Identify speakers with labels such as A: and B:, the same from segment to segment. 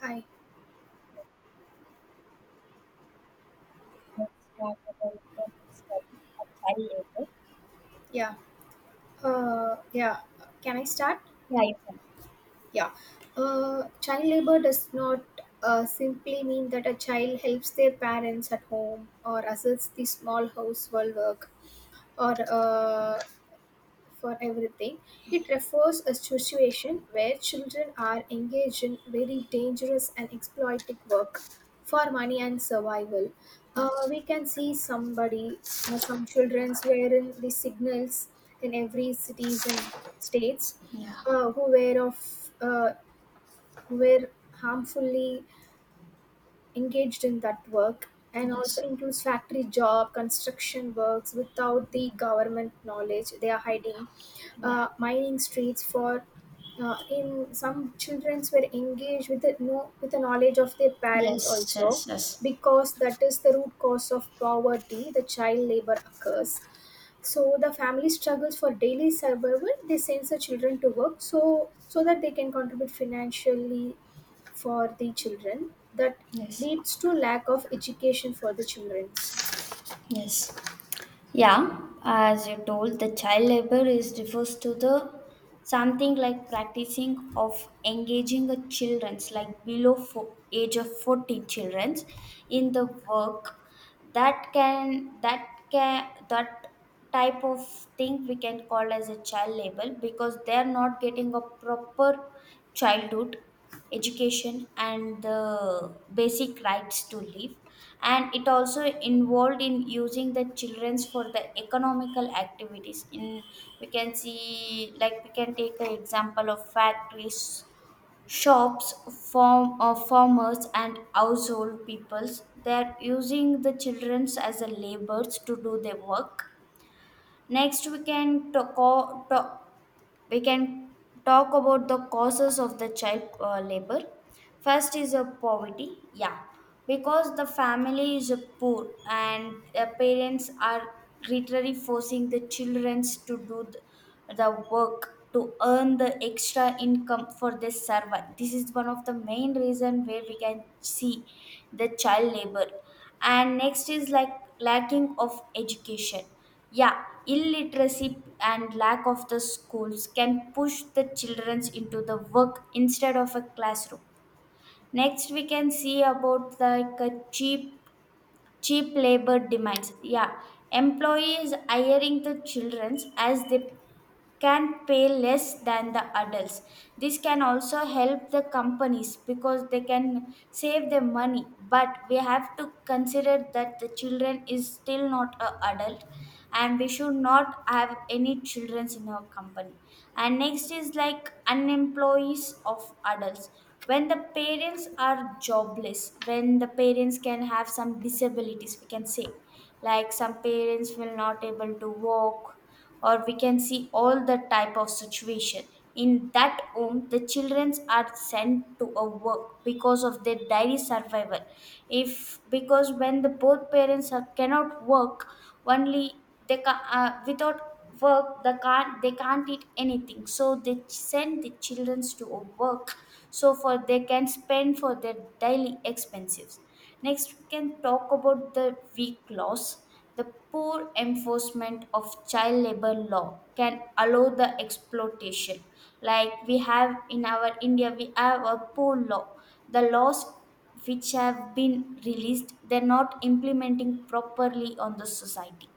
A: Hi.
B: Let's talk about the next topic, a child labor.
A: Yeah. Yeah. Can I start?
B: Yeah, you can.
A: Yeah. Child labor does not simply mean that a child helps their parents at home or assists the small household work or for everything. It refers a situation where children are engaged in very dangerous and exploitive work for money and survival. We can see somebody, some childrens wearing the signals in every cities and states, uh, who wear of uh, who wear harmfully engaged in that work, and also includes factory job construction works without the government knowledge. They are hiding,
B: Yeah.
A: mining streets for, in some childrens were engaged with the no with the knowledge of their parents
B: Yes,
A: also,
B: yes, yes,
A: because that is the root cause of poverty. The child labor occurs, so the family struggles for daily survival. They send the children to work so that they can contribute financially for the children, that
B: yes,
A: leads to lack of education for the childrens.
B: yes. Yeah, as you told, the child labor is refers to the something like practicing of engaging a children's like below age of 14 children's in the work that can that type of thing we can call as a child labor because they are not getting a proper childhood education and the basic rights to live, and it also involved in using the children's for the economical activities in, we can see like we can take an example of factories, shops, farm or farmers and household peoples they're using the children's as a laborers to do their work. Next we can we can talk about the causes of the child labor. First is a poverty, yeah, because the family is poor and parents are literally forcing the children to do the work to earn the extra income for their survival. This is one of the main reason where we can see the child labor. And next is like lacking of education. Yeah, illiteracy and lack of the schools can push the children into the work instead of a classroom. Next, we can see about like a cheap labor demands. Yeah, employees hiring the children as they can pay less than the adults. This can also help the companies because they can save their money, but we have to consider that the children is still not a adult and we should not have any children in our company. And next is like unemployees of adults. When the parents are jobless, when the parents can have some disabilities, we can say like some parents will not able to walk, or we can see all the type of situation. In that home the children are sent to a work because of their daily survival. If, because when the both parents are, cannot work, only without work they can't, they can't eat anything, so send the children to a work so for they can spend for their daily expenses. Next, we can talk about the weak laws. The poor enforcement of child labor law can allow the exploitation. Like we have in our India, we have a poor law. The laws which have been released, they're not implementing properly on the society.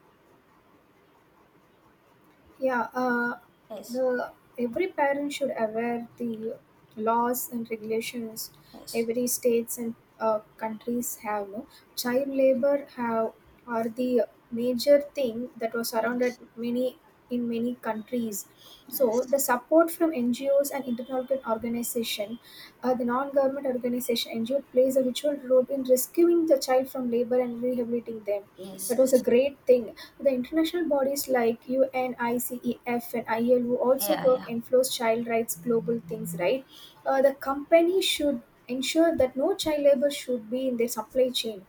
A: Yeah. Uh,
B: Yes,
A: the every parent should aware the laws and regulations
B: yes,
A: every states and countries have. No? Child labor have are the major thing that was surrounded
B: yes,
A: many in many countries. So
B: yes,
A: the support from NGOs and international organization. The non-government organization NGO plays a vital role in rescuing the child from labor and rehabilitating them.
B: yes,
A: That was a
B: yes.
A: great thing. The international bodies like UNICEF and ILO also
B: Yeah,
A: work
B: yeah.
A: enforce child rights global things, right? The company should ensure that no child labor should be in their supply chain.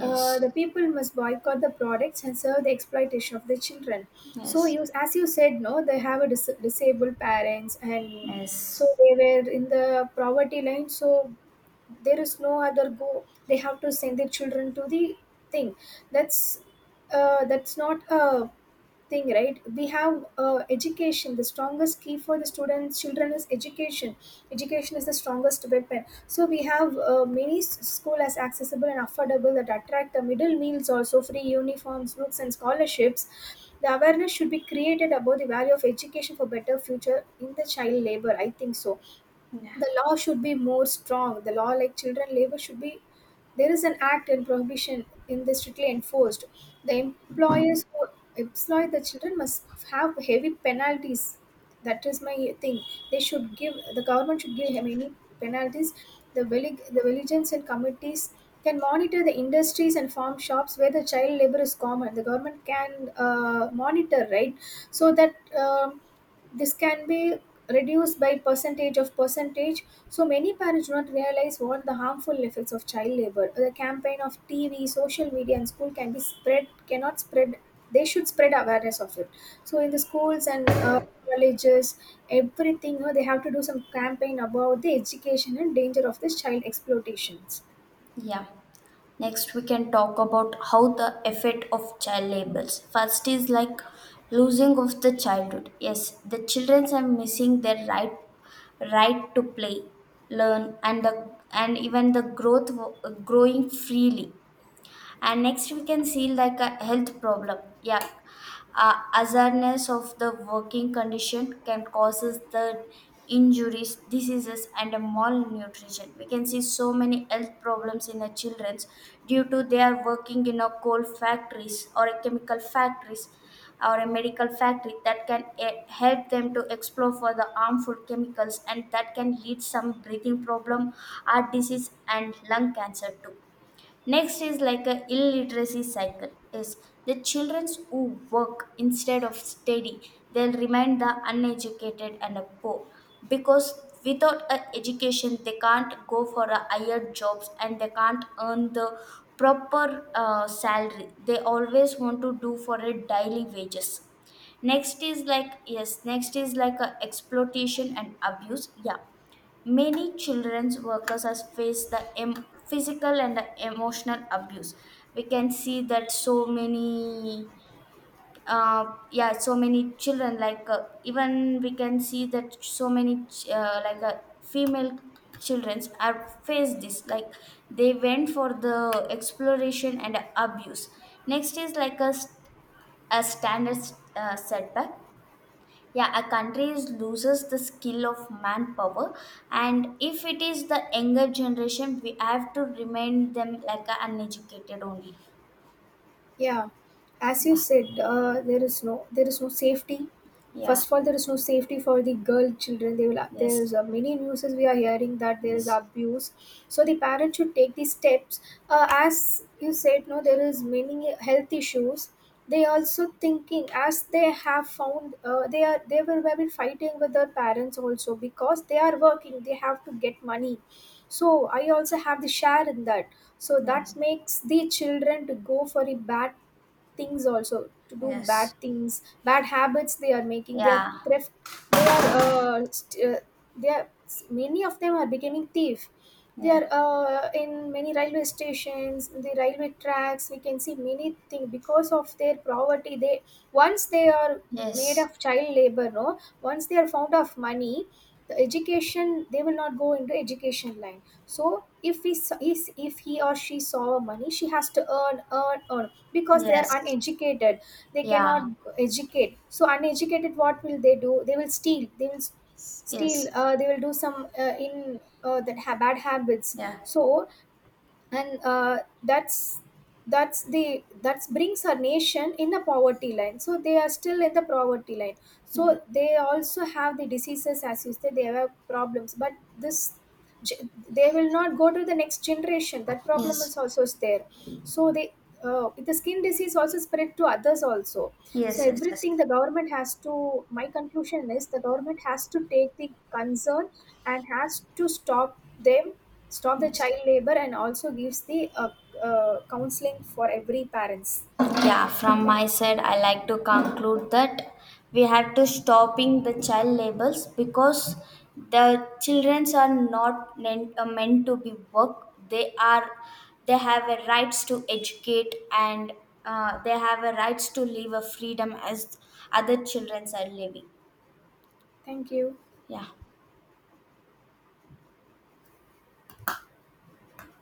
A: Uh, the people must boycott the products and serve the exploitation of the children. So
B: yes,
A: you, as you said, no, they have a disabled parents, and so
B: yes.
A: they were in the poverty line. So there is no other go. They have to send their children to the thing. That's that's not a thing, right? We have education. The strongest key for the students children is education. Education is the strongest weapon, so we have many school as accessible and affordable, that attract the middle meals, also free uniforms, books, and scholarships. The awareness should be created about the value of education for better future in the child labor, I think so. The law should be more strong. The law like children labor should be, there is an act and prohibition in this strictly enforced. The employers who employ the children must have heavy penalties. That is my thing. They should give, the government should give him any penalties. The village, the villages and committees can monitor the industries and farm shops where the child labor is common. The government can, monitor, right? So that this can be reduced by percentage of percentage. So many parents do not realize what the harmful effects of child labor. The campaign of tv, social media, and school can be spread, cannot spread. They should spread awareness of it. So in the schools and colleges, everything, they have to do some campaign about the education and danger of this child exploitations.
B: Yeah. Next, we can talk about how the effect of child labels. First is like losing of the childhood. Yes, the children are missing their right to play, learn, and the and even the growth growing freely. And next we can see like a health problem, yeah. Uh, awareness of the working condition can causes the injuries, diseases and a malnutrition. We can see so many health problems in the children's due to they are working in a coal factories or a chemical factories or a medical factory that can help them to explore for the harmful chemicals, and that can lead some breathing problem, heart disease and lung cancer too. Next is like a illiteracy cycle is the children who work instead of study, they'll remain the uneducated and a poor, because without a education they can't go for a higher jobs and they can't earn the proper salary. They always want to do for a daily wages. Next is like, yes, next is like a exploitation and abuse, yeah. Many children's workers has faced the physical and the emotional abuse. We can see that so many, uh, yeah, so many children. Like, even we can see that so many female childrens are faced this. Like they went for the exploration and abuse. Next is like a standard setback, yeah. A country loses the skill of manpower, and if it is the younger generation we have to remind them like a uneducated only.
A: Yeah, as you
B: Yeah.
A: said uh, there is no, there is no safety.
B: Yeah.
A: First of all, there is no safety for the girl children. They will,
B: Yes,
A: there's many news we are hearing that there is
B: yes,
A: abuse. So the parents should take these steps. Uh, as you said, no, there is many health issues. They also thinking as they have found, they will have been fighting with their parents also because they are working. They have to get money, so I also have the share in that. So
B: yes,
A: that makes the children to go for a bad things, also to do bad
B: yes.
A: things, bad habits they are making. They are
B: Yeah,
A: thrift. They are uh, st- uh, they are many of them are becoming thief. They
B: yeah.
A: are in many railway stations, in the railway tracks, we can see many things. Because of their poverty, they, once they are made
B: Yes,
A: of child labor, no, once they are found of money, the education, they will not go into education line. So if he s- is if he or she saw money, she has to earn, earn, earn, because they are
B: yes.
A: uneducated. They
B: Yeah.
A: cannot educate. So uneducated, what will they do? They will steal, steal
B: Yes.
A: they will do some, in that bad habits.
B: Yeah.
A: So and uh, that's that's the, that brings our nation in the poverty line. So they are still in the poverty line.
B: Yeah.
A: So they also have the diseases, as you say, they have problems. But this, ge- they will not go to the next generation, that problem is
B: Yes,
A: also there. So they, the skin disease also spread to others also. So
B: yes, yes, yes,
A: everything,
B: yes,
A: the government has to, my conclusion is the government has to take the concern and has to stop them, stop the
B: yes.
A: child labor, and also gives the counseling for every parents.
B: Yeah, from my side, I like to conclude that we have to stopping the child labels because the children are not meant to be work. They are, they have a rights to educate, and they have a rights to live a freedom as other children are living.
A: Thank you.
B: Yeah.